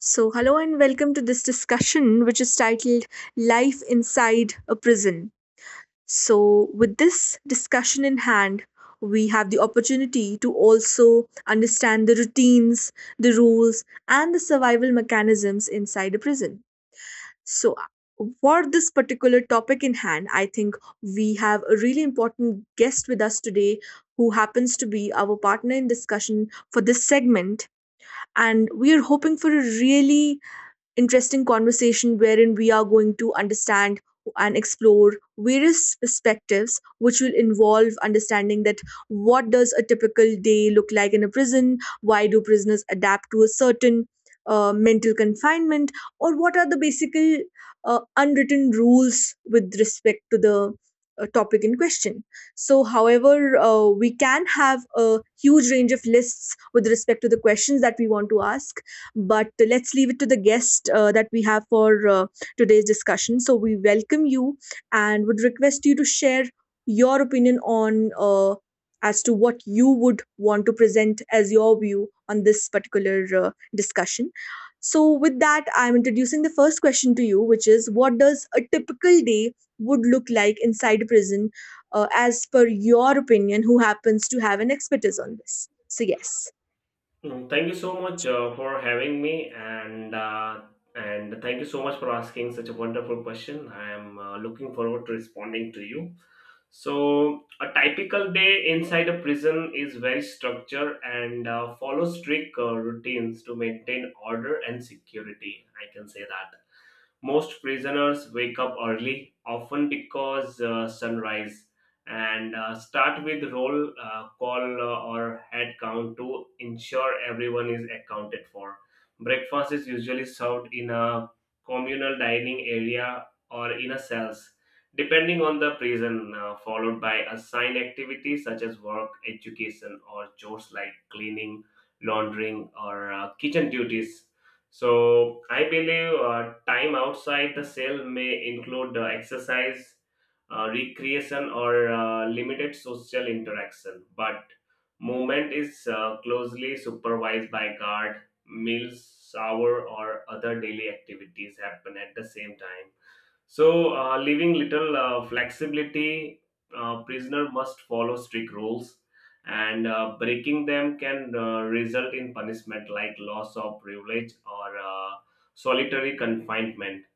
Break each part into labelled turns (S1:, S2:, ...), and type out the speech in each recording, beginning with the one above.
S1: So, hello and welcome to this discussion, which is titled Life Inside a Prison. So, with this discussion in hand, we have the opportunity to also understand the routines, the rules, and the survival mechanisms inside a prison. So, for this particular topic in hand, I think we have a really important guest with us today who happens to be our partner in discussion for this segment. And we are hoping for a really interesting conversation wherein we are going to understand and explore various perspectives which will involve understanding that what does a typical day look like in a prison, why do prisoners adapt to a certain mental confinement, or what are the basic unwritten rules with respect to the topic in question. So, however, we can have a huge range of lists with respect to the questions that we want to ask, but let's leave it to the guest that we have for today's discussion. So we welcome you and would request you to share your opinion on, as to what you would want to present as your view on this particular discussion. So with that, I'm introducing the first question to you, which is what does a typical day would look like inside prison as per your opinion, who happens to have an expertise on this? So, yes.
S2: Mm, thank you so much for having me, and thank you so much for asking such a wonderful question. I am looking forward to responding to you. So, a typical day inside a prison is very structured and follows strict routines to maintain order and security. I can say that most prisoners wake up early, often because sunrise, and start with roll call or head count to ensure everyone is accounted for. Breakfast is usually served in a communal dining area or in a cells, depending on the prison, followed by assigned activities such as work, education, or chores like cleaning, laundering, or kitchen duties. So I believe time outside the cell may include exercise, recreation, or limited social interaction. But movement is closely supervised by guard. Meals, shower, or other daily activities happen at the same time, so, leaving little flexibility, prisoner must follow strict rules, and breaking them can result in punishment like loss of privilege or solitary confinement.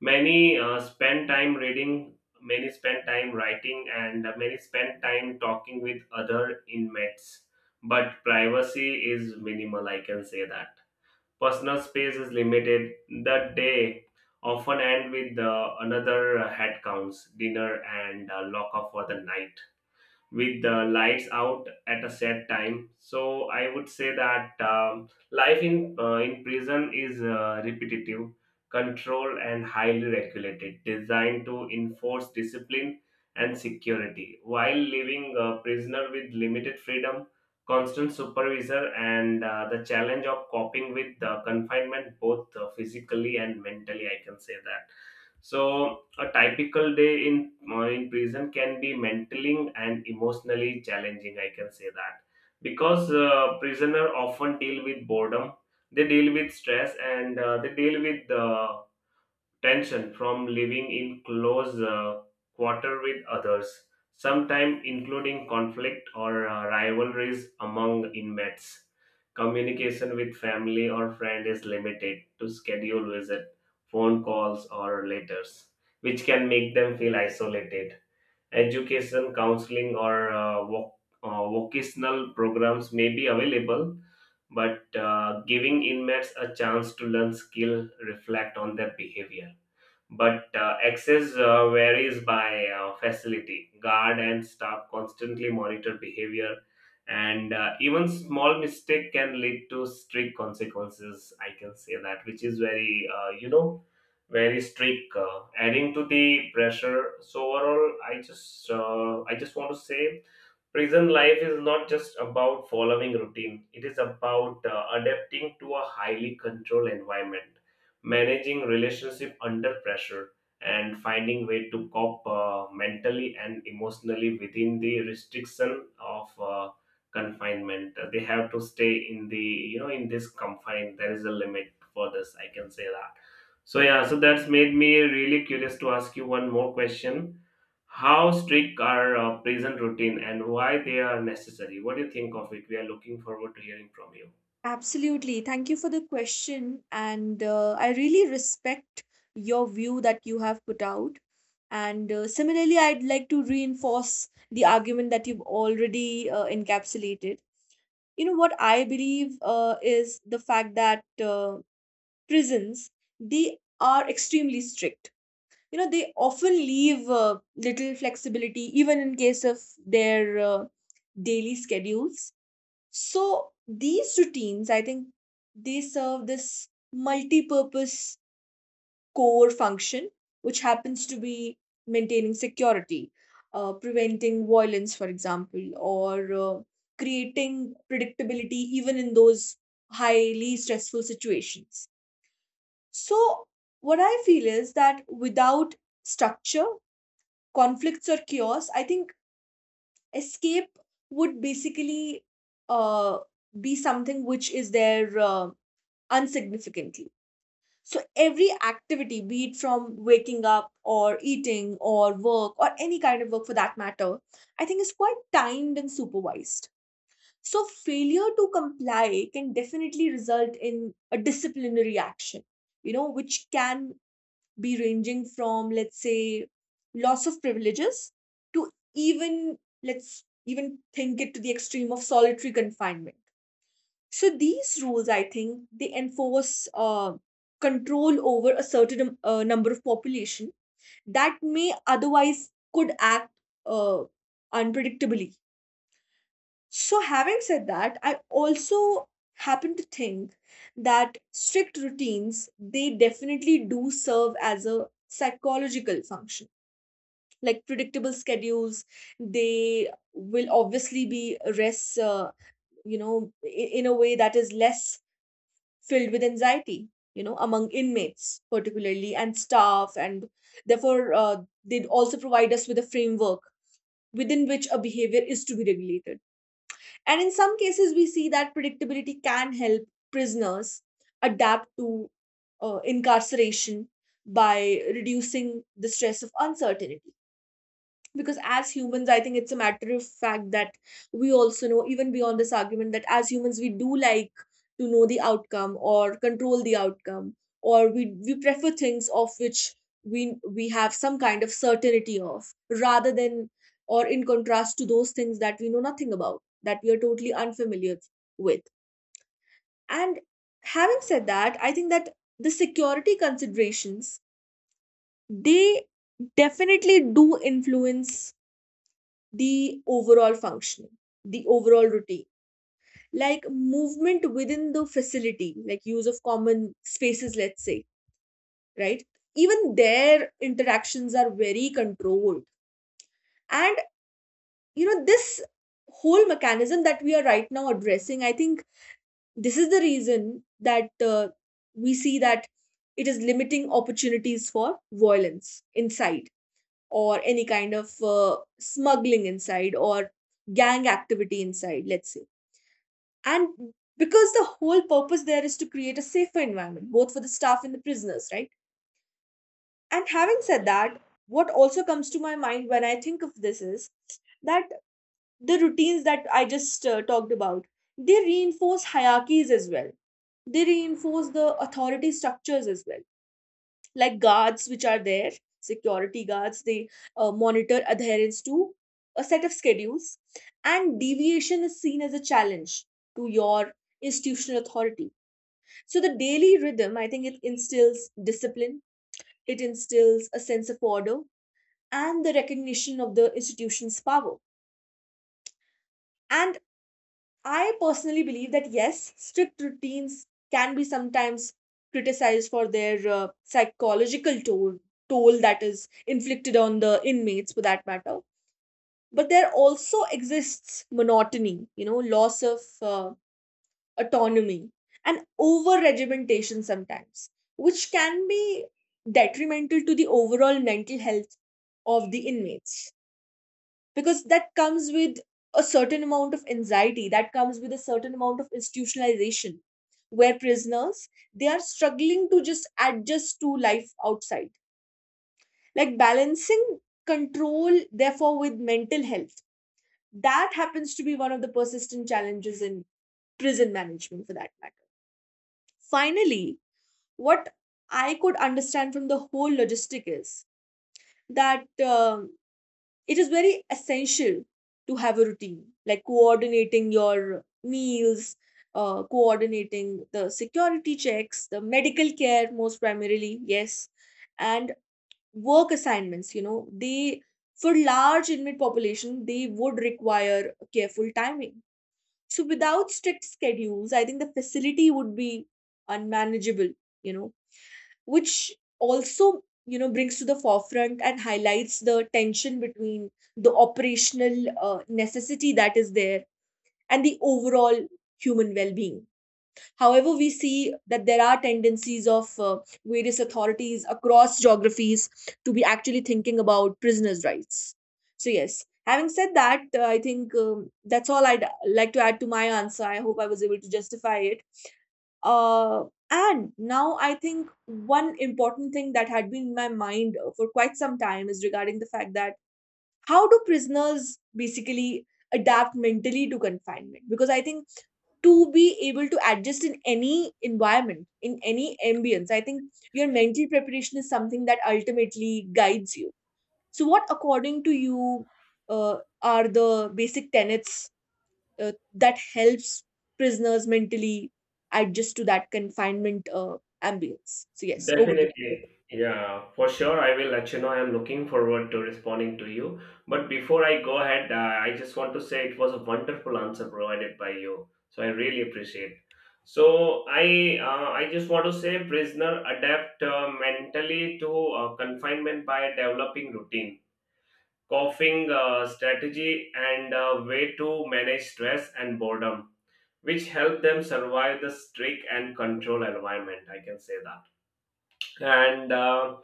S2: Many spend time reading, many spend time writing, and many spend time talking with other inmates. But privacy is minimal, I can say that. Personal space is limited. The day often end with another head counts, dinner, and lock up for the night with the lights out at a set time. So I would say that life in prison is repetitive, controlled, and highly regulated, designed to enforce discipline and security, while leaving a prisoner with limited freedom. Constant supervisor and the challenge of coping with the confinement, both physically and mentally, I can say that. So, a typical day in prison can be mentally and emotionally challenging. I can say that because prisoner often deal with boredom, they deal with stress, and they deal with tension from living in close quarter with others, sometimes including conflict or rivalries among inmates. Communication with family or friend is limited to schedule visit, phone calls, or letters, which can make them feel isolated. Education, counseling, or vocational programs may be available, but giving inmates a chance to learn skill reflect on their behavior, but access varies by facility. Guard and staff constantly monitor behavior, and even small mistake can lead to strict consequences. I can say that, which is very, very strict. Adding to the pressure. So overall, I just want to say prison life is not just about following routine, it is about adapting to a highly controlled environment, managing relationship under pressure, and finding way to cope mentally and emotionally within the restriction of confinement. They have to stay in the, you know, in this confine. There is a limit for this, I can say that. So yeah, so that's made me really curious to ask you one more question. How strict are prison routine and why they are necessary, what do you think of it? We are looking forward to hearing from you.
S1: Absolutely. Thank you for the question. And I really respect your view that you have put out. And similarly, I'd like to reinforce the argument that you've already encapsulated. You know, what I believe is the fact that, prisons, they are extremely strict. You know, they often leave little flexibility, even in case of their daily schedules. So these routines, I think they serve this multi-purpose core function, which happens to be maintaining security, preventing violence, for example, or creating predictability even in those highly stressful situations. So what I feel is that without structure, conflicts or chaos, I think escape would basically uh, be something which is there unsignificantly. So every activity, be it from waking up or eating or work or any kind of work for that matter, I think is quite timed and supervised. So failure to comply can definitely result in a disciplinary action, you know, which can be ranging from, let's say, loss of privileges to even, let's even think it to the extreme of solitary confinement. So these rules, I think, they enforce control over a certain number of population that may otherwise could act uh, unpredictably. So having said that, I also happen to think that strict routines they definitely do serve as a psychological function, like predictable schedules they will obviously be rests you know, in a way that is less filled with anxiety, you know, among inmates particularly and staff, and therefore they also provide us with a framework within which a behavior is to be regulated, and in some cases we see that predictability can help prisoners adapt to incarceration by reducing the stress of uncertainty. Because as humans I think it's a matter of fact that we also know, even beyond this argument, that as humans we do like to know the outcome or control the outcome, or we prefer things of which we we have some kind of certainty of, rather than or in contrast to those things that we know nothing about, that we are totally unfamiliar with. And having said that, I think that the security considerations, they definitely do influence the overall functioning, the overall routine, like movement within the facility, like use of common spaces, let's say, right? Even their interactions are very controlled. And, you know, this whole mechanism that we are right now addressing, I think this is the reason that we see that it is limiting opportunities for violence inside, or any kind of smuggling inside, or gang activity inside, let's say. And because the whole purpose there is to create a safer environment, both for the staff and the prisoners, right? And having said that, what also comes to my mind when I think of this is that the routines that I just talked about, they reinforce hierarchies as well. They reinforce the authority structures as well, like guards, which are there, security guards, they monitor adherence to a set of schedules, and deviation is seen as a challenge to your institutional authority. So the daily rhythm, I think it instills discipline, it instills a sense of order, and the recognition of the institution's power. And I personally believe that yes, strict routines can be sometimes criticized for their psychological toll, toll that is inflicted on the inmates for that matter. But there also exists monotony, you know, loss of autonomy, and over regimentation sometimes, which can be detrimental to the overall mental health of the inmates, because that comes with a certain amount of anxiety, that comes with a certain amount of institutionalization where prisoners they are struggling to just adjust to life outside, like balancing control therefore with mental health. That happens to be one of the persistent challenges in prison management for that matter. Finally, what I could understand from the whole logistic is that, it is very essential to have a routine, like coordinating your meals, coordinating the security checks, the medical care, most primarily, yes, and work assignments. You know, they for large inmate population they would require careful timing. So without strict schedules, I think the facility would be unmanageable. You know, which also you know brings to the forefront and highlights the tension between the operational necessity that is there and the overall human well-being. However, we see that there are tendencies of various authorities across geographies to be actually thinking about prisoners rights. So yes, having said that, I think that's all I'd like to add to my answer. I hope I was able to justify it. uh, and now I think one important thing that had been in my mind for quite some time is regarding the fact that how do prisoners basically adapt mentally to confinement? Because I think to be able to adjust in any environment, in any ambience, I think your mental preparation is something that ultimately guides you. So, what, according to you, are the basic tenets that helps prisoners mentally adjust to that confinement ambience? So yes, over to you.
S2: Definitely. Yeah, for sure. I will let you know. I'm looking forward to responding to you. But before I go ahead, I just want to say it was a wonderful answer provided by you. So I really appreciate. So I just want to say prisoner adapt mentally to confinement by developing routine, coughing strategy and way to manage stress and boredom, which help them survive the strict and control environment. I can say that. and. Uh,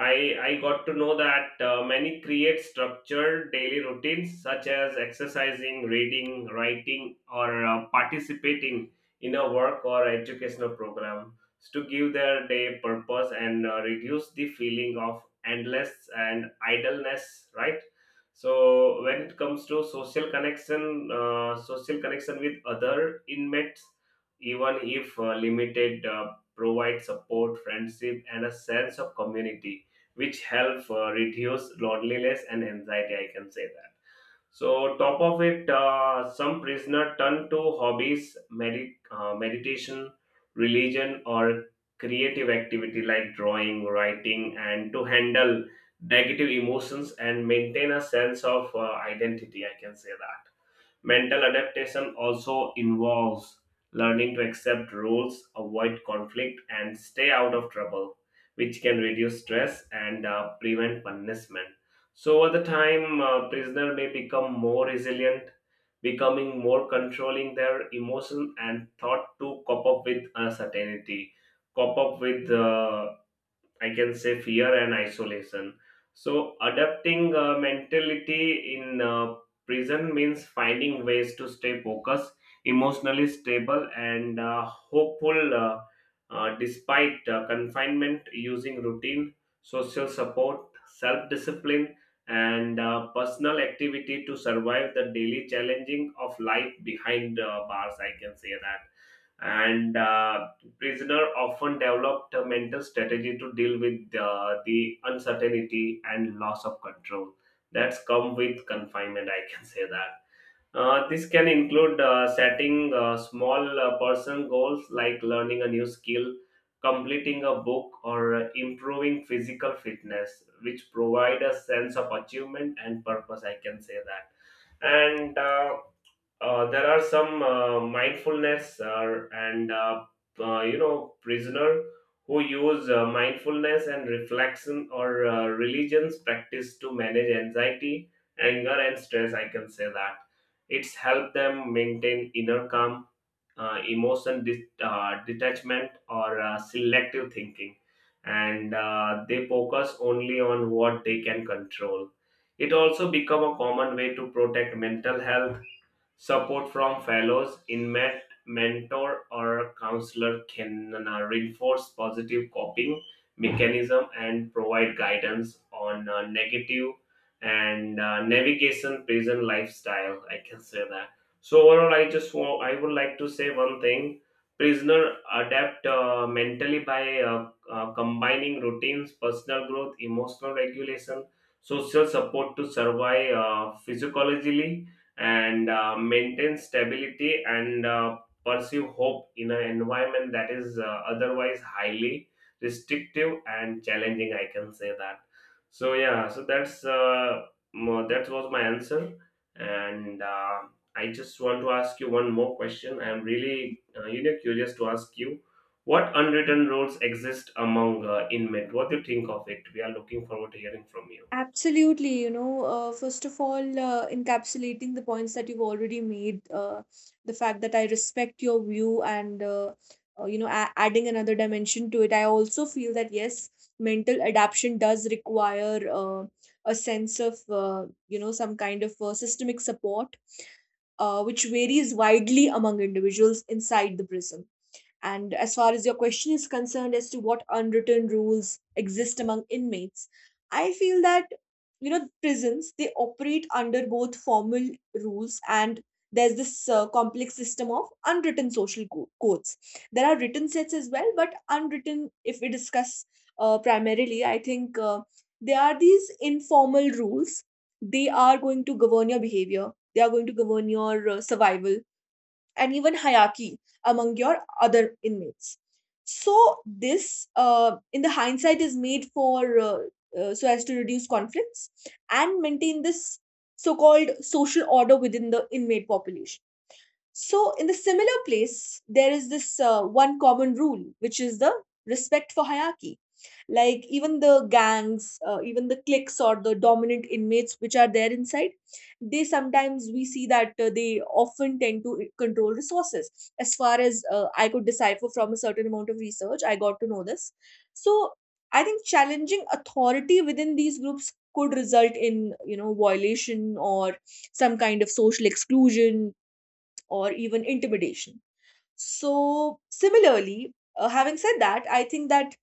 S2: I, I got to know that many create structured daily routines such as exercising, reading, writing, or participating in a work or educational program to give their day purpose and reduce the feeling of endless and idleness, right? So when it comes to social connection with other inmates, even if limited, provide support, friendship, and a sense of community which help reduce loneliness and anxiety, I can say that. So top of it, some prisoner turn to hobbies, meditation, religion, or creative activity like drawing, writing, and to handle negative emotions and maintain a sense of identity, I can say that. Mental adaptation also involves learning to accept rules, avoid conflict, and stay out of trouble, which can reduce stress and prevent punishment. So, over the time, prisoner may become more resilient, becoming more controlling their emotion and thought to cope up with uncertainty, cope up with I can say fear and isolation. So adapting mentality in prison means finding ways to stay focused, emotionally stable, and hopeful despite confinement, using routine, social support, self discipline, and personal activity to survive the daily challenging of life behind bars. I can say that. And Prisoner often developed a mental strategy to deal with the uncertainty and loss of control that's come with confinement. I can say that. This can include setting small person goals like learning a new skill, completing a book, or improving physical fitness, which provide a sense of achievement and purpose. I can say that. And There are some mindfulness and you know, prisoner who use mindfulness and reflection or religions practice to manage anxiety, anger, and stress, I can say that. It's helped them maintain inner calm, emotion detachment or selective thinking, and they focus only on what they can control. It also become a common way to protect mental health. Support from fellows, inmate, mentor, or counselor can reinforce positive coping mechanism and provide guidance on negative and navigation prison lifestyle. I can say that. So overall, I would like to say one thing: prisoner adapt mentally by combining routines, personal growth, emotional regulation, social support to survive physiologically and maintain stability and pursue hope in an environment that is otherwise highly restrictive and challenging, I can say that. So yeah, so that was my answer. And I just want to ask you one more question. I'm really curious to ask you, what unwritten rules exist among inmate? What do you think of it? We are looking forward to hearing from you.
S1: Absolutely. You know, first of all, encapsulating the points that you've already made, the fact that I respect your view, and, you know, adding another dimension to it, I also feel that, yes, mental adaptation does require a sense of, you know, some kind of systemic support, which varies widely among individuals inside the prism. And as far as your question is concerned as to what unwritten rules exist among inmates, I feel that, you know, prisons they operate under both formal rules, and there's this complex system of unwritten social codes. There are written sets as well, but unwritten, if we discuss primarily, I think there are these informal rules. They are going to govern your behavior. They are going to govern your survival and even hierarchy among your other inmates. So, this in the hindsight is made for so as to reduce conflicts and maintain this so called social order within the inmate population. So, in the similar place, there is this one common rule, which is the respect for hierarchy. Like, even the gangs, even the cliques or the dominant inmates which are there inside, they sometimes we see that they often tend to control resources. As far as I could decipher from a certain amount of research, I got to know this. So, I think challenging authority within these groups could result in, you know, violation or some kind of social exclusion or even intimidation. So, similarly, having said that, I think that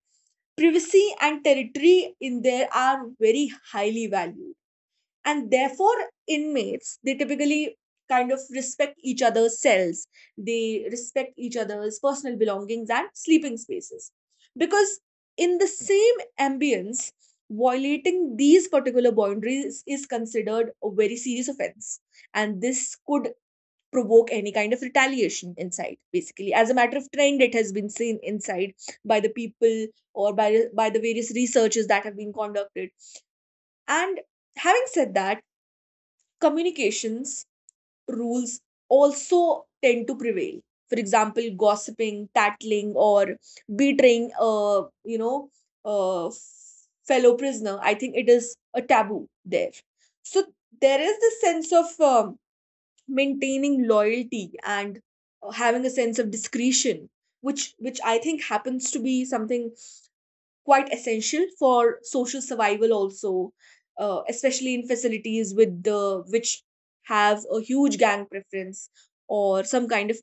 S1: privacy and territory in there are very highly valued. And therefore, inmates, they typically kind of respect each other's cells, they respect each other's personal belongings and sleeping spaces. Because in the same ambience, violating these particular boundaries is considered a very serious offense, and this could provoke any kind of retaliation inside. Basically, as a matter of trend, it has been seen inside by the people or by the various researches that have been conducted. And having said that, communications rules also tend to prevail. For example, gossiping, tattling, or betraying, uh fellow prisoner, I think it is a taboo there. So there is this sense of maintaining loyalty and having a sense of discretion, which I think happens to be something quite essential for social survival also, especially in facilities with the which have a huge gang preference or some kind of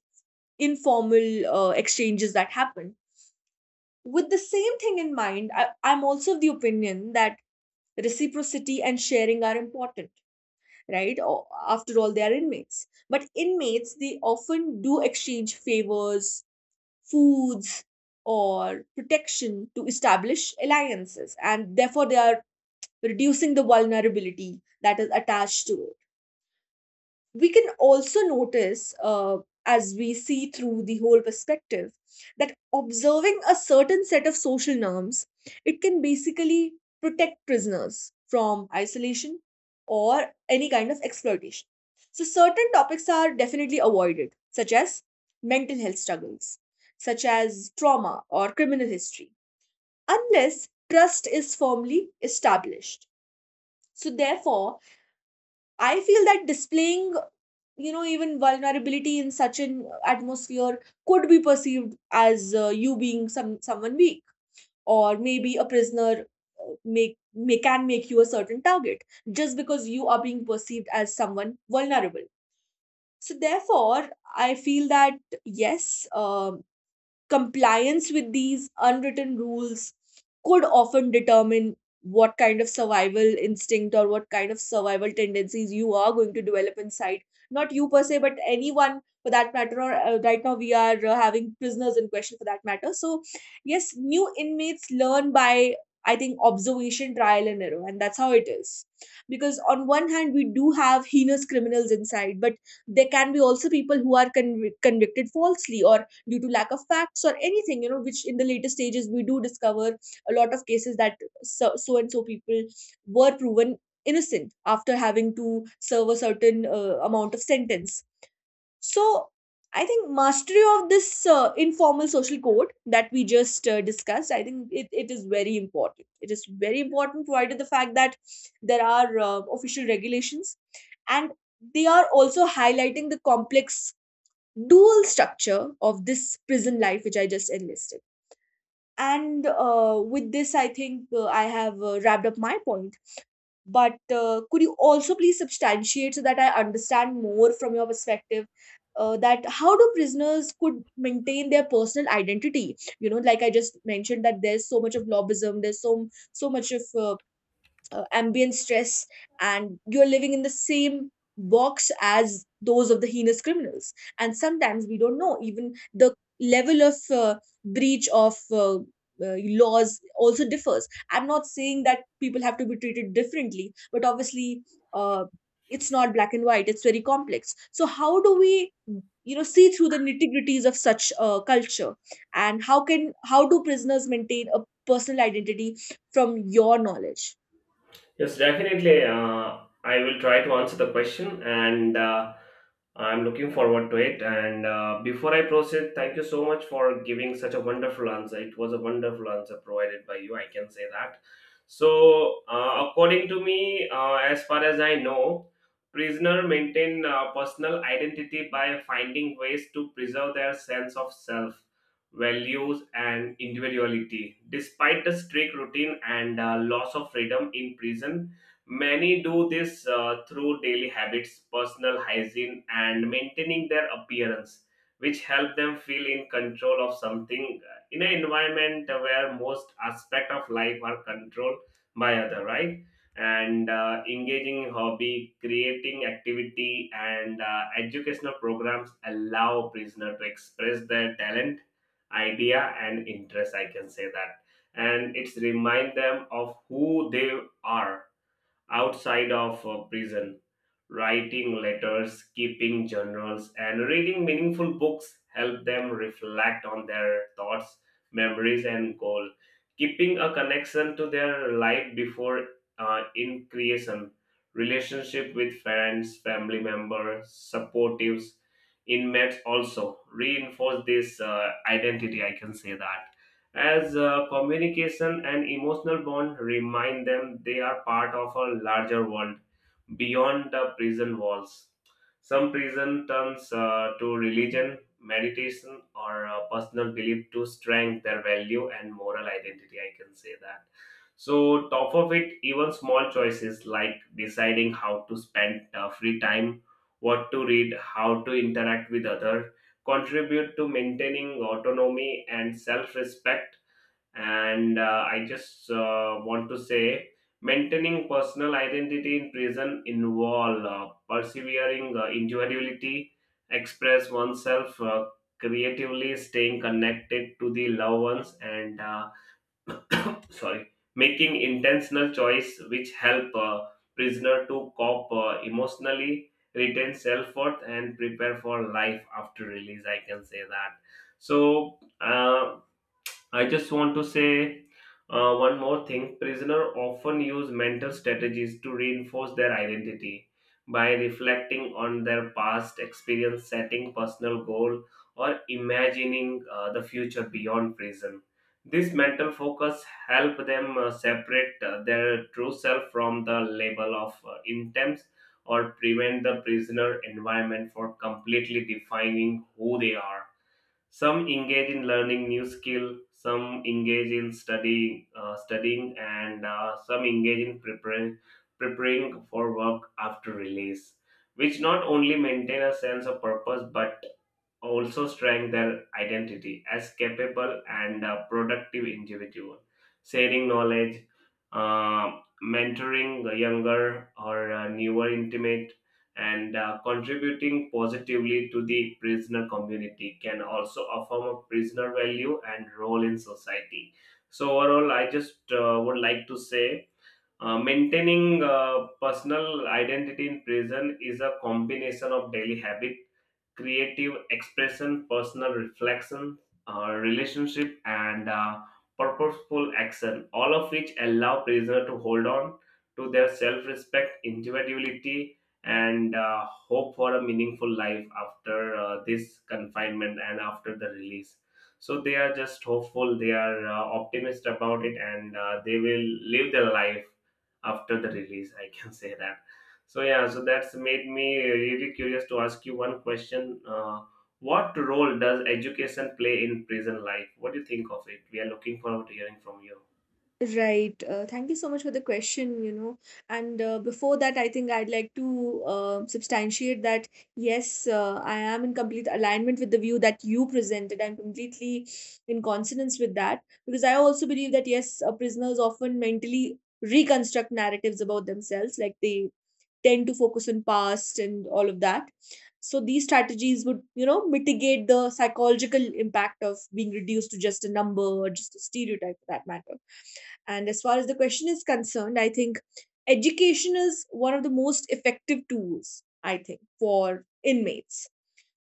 S1: informal exchanges that happen. With the same thing in mind, I'm also of the opinion that reciprocity and sharing are important, right? Or, after all, they are inmates. But inmates, they often do exchange favors, foods, or protection to establish alliances, and therefore they are reducing the vulnerability that is attached to it. We can also notice, as we see through the whole perspective, that observing a certain set of social norms, it can basically protect prisoners from isolation or any kind of exploitation. So certain topics are definitely avoided, such as mental health struggles, such as trauma or criminal history, unless trust is firmly established. So therefore, I feel that displaying, you know, even vulnerability in such an atmosphere could be perceived as you being someone weak, or maybe a prisoner, make may can make you a certain target just because you are being perceived as someone vulnerable. So therefore, I feel that, yes, compliance with these unwritten rules could often determine what kind of survival instinct or what kind of survival tendencies you are going to develop inside. Not you per se, but anyone for that matter. Or right now we are having prisoners in question for that matter. So yes, new inmates learn by, I think, observation, trial and error, and that's how it is. Because on one hand we do have heinous criminals inside, but there can be also people who are convicted falsely or due to lack of facts or anything, you know, which in the later stages we do discover. A lot of cases that so and so people were proven innocent after having to serve a certain amount of sentence. So I think mastery of this informal social code that we just discussed, I think it is very important. It is very important, provided the fact that there are official regulations, and they are also highlighting the complex dual structure of this prison life, which I just enlisted. And with this, I think I have wrapped up my point. But could you also please substantiate, so that I understand more from your perspective, that how do prisoners could maintain their personal identity? You know, like I just mentioned, that there's so much of lobbyism, there's so much of ambient stress, and you're living in the same box as those of the heinous criminals. And sometimes we don't know even the level of breach of laws also differs. I'm not saying that people have to be treated differently, but obviously, uh, it's not black and white, it's very complex. So how do we, you know, see through the nitty-gritties of such culture, and how do prisoners maintain a personal identity from your knowledge?
S2: Yes, definitely. I will try to answer the question, and I'm looking forward to it. And before I proceed, thank you so much for giving such a wonderful answer. It was a wonderful answer provided by you. I can say that. So, according to me, as far as I know, prisoner maintain personal identity by finding ways to preserve their sense of self, values, and individuality. Despite the strict routine and loss of freedom in prison, many do this through daily habits, personal hygiene, and maintaining their appearance, which help them feel in control of something in an environment where most aspects of life are controlled by other, right? and Engaging in hobby, creating activity, and educational programs allow prisoner to express their talent, idea, and interest, I can say that. And it's remind them of who they are outside of prison. Writing letters, keeping journals, and reading meaningful books help them reflect on their thoughts, memories, and goal. Keeping a connection to their life before in creation, relationship with friends, family members, supportives, inmates also reinforce this identity. I can say that, as communication and emotional bond remind them they are part of a larger world beyond the prison walls. Some prison turns to religion, meditation, or personal belief to strengthen their value and moral identity. I can say that. So, top of it, even small choices like deciding how to spend free time, what to read, how to interact with others, contribute to maintaining autonomy and self respect. And I just want to say maintaining personal identity in prison involve persevering individuality, express oneself creatively, staying connected to the loved ones, and sorry, making intentional choice which help prisoner to cope emotionally, retain self-worth, and prepare for life after release, I can say that. So I just want to say one more thing. Prisoner often use mental strategies to reinforce their identity by reflecting on their past experience, setting personal goal, or imagining the future beyond prison. This mental focus help them separate their true self from the label of intents or prevent the prisoner environment for completely defining who they are. Some engage in learning new skill, some engage in studying, and some engage in preparing, preparing for work after release, which not only maintain a sense of purpose but also strengthen their identity as capable and productive individual, sharing knowledge, mentoring the younger or newer intimate, and contributing positively to the prisoner community can also affirm a prisoner value and role in society. So overall, I just would like to say. Maintaining personal identity in prison is a combination of daily habit, creative expression, personal reflection, relationship, and purposeful action, all of which allow prisoner to hold on to their self-respect, individuality, and hope for a meaningful life after this confinement and after the release. So they are just hopeful, they are optimist about it, and they will live their life after the release. I can say that. So yeah, so that's made me really curious to ask you one question. What role does education play in prison life? What do you think of it? We are looking forward to hearing from you.
S1: Right. Thank you so much for the question, you know. And before that, I think I'd like to substantiate that yes, I am in complete alignment with the view that you presented. I'm completely in consonance with that, because I also believe that yes, prisoners often mentally reconstruct narratives about themselves, like they tend to focus on past and all of that. So these strategies would, you know, mitigate the psychological impact of being reduced to just a number or just a stereotype for that matter. And as far as the question is concerned, I think education is one of the most effective tools, I think, for inmates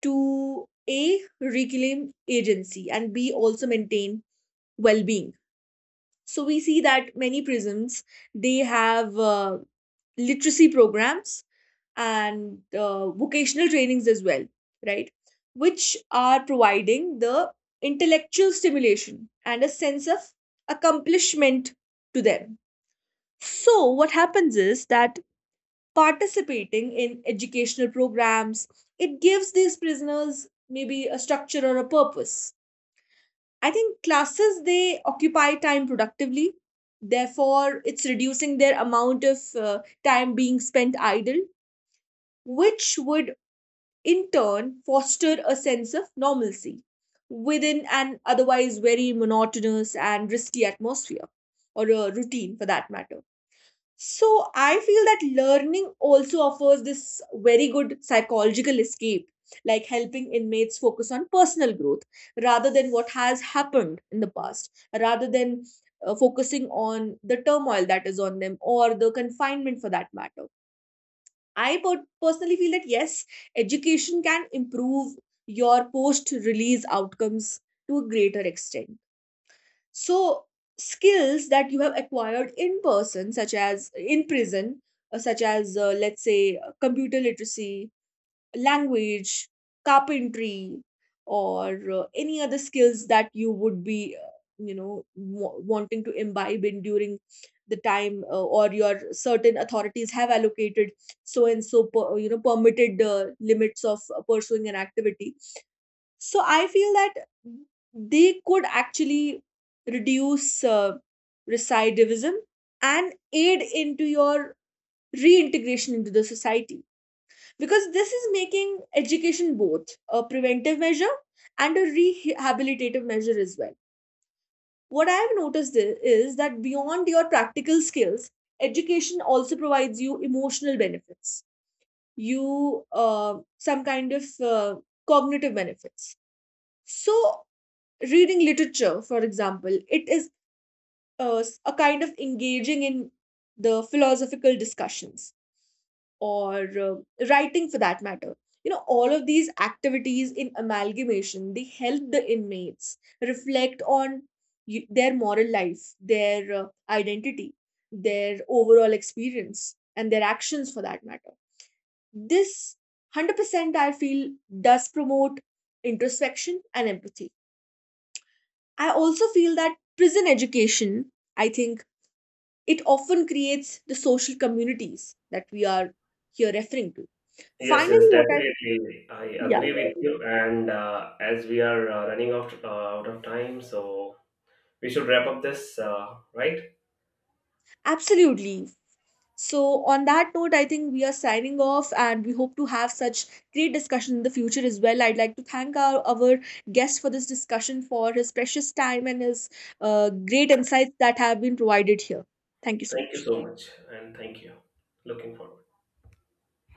S1: to A, reclaim agency, and B, also maintain well being. So we see that many prisons, they have literacy programs and vocational trainings as well, right? Which are providing the intellectual stimulation and a sense of accomplishment to them. So what happens is that participating in educational programs, it gives these prisoners maybe a structure or a purpose. I think classes, they occupy time productively. Therefore, it's reducing their amount of time being spent idle, which would in turn foster a sense of normalcy within an otherwise very monotonous and risky atmosphere, or a routine for that matter. So I feel that learning also offers this very good psychological escape, like helping inmates focus on personal growth rather than what has happened in the past, rather than focusing on the turmoil that is on them or the confinement for that matter. I personally feel that yes, education can improve your post release outcomes to a greater extent. So, skills that you have acquired in person, such as in prison, such as let's say computer literacy, language, carpentry, or any other skills that you would be, you know, wanting to imbibe in during the time or your certain authorities have allocated so and you know, permitted limits of pursuing an activity. So I feel that they could actually reduce recidivism and aid into your reintegration into the society, because this is making education both a preventive measure and a rehabilitative measure as well. What I have noticed is that beyond your practical skills, education also provides you emotional benefits, you some kind of cognitive benefits. So reading literature, for example, it is a kind of engaging in the philosophical discussions, or writing for that matter. You know, all of these activities in amalgamation, they help the inmates reflect on their moral life, their identity, their overall experience, and their actions for that matter. This 100% I feel does promote introspection and empathy. I also feel that prison education, I think it often creates the social communities that we are here referring to.
S2: Yes,
S1: Finally,
S2: yes,
S1: what I,
S2: definitely. I
S1: yeah,
S2: agree with you. And as we are out of time, so we should wrap up this, right?
S1: absolutely. So, on that note, I think we are signing off, and we hope to have such great discussion in the future as well. I'd like to thank our guest for this discussion, for his precious time and his great insights that have been provided here. Thank you so
S2: Thank you
S1: much.
S2: so much, and thank you. Looking forward.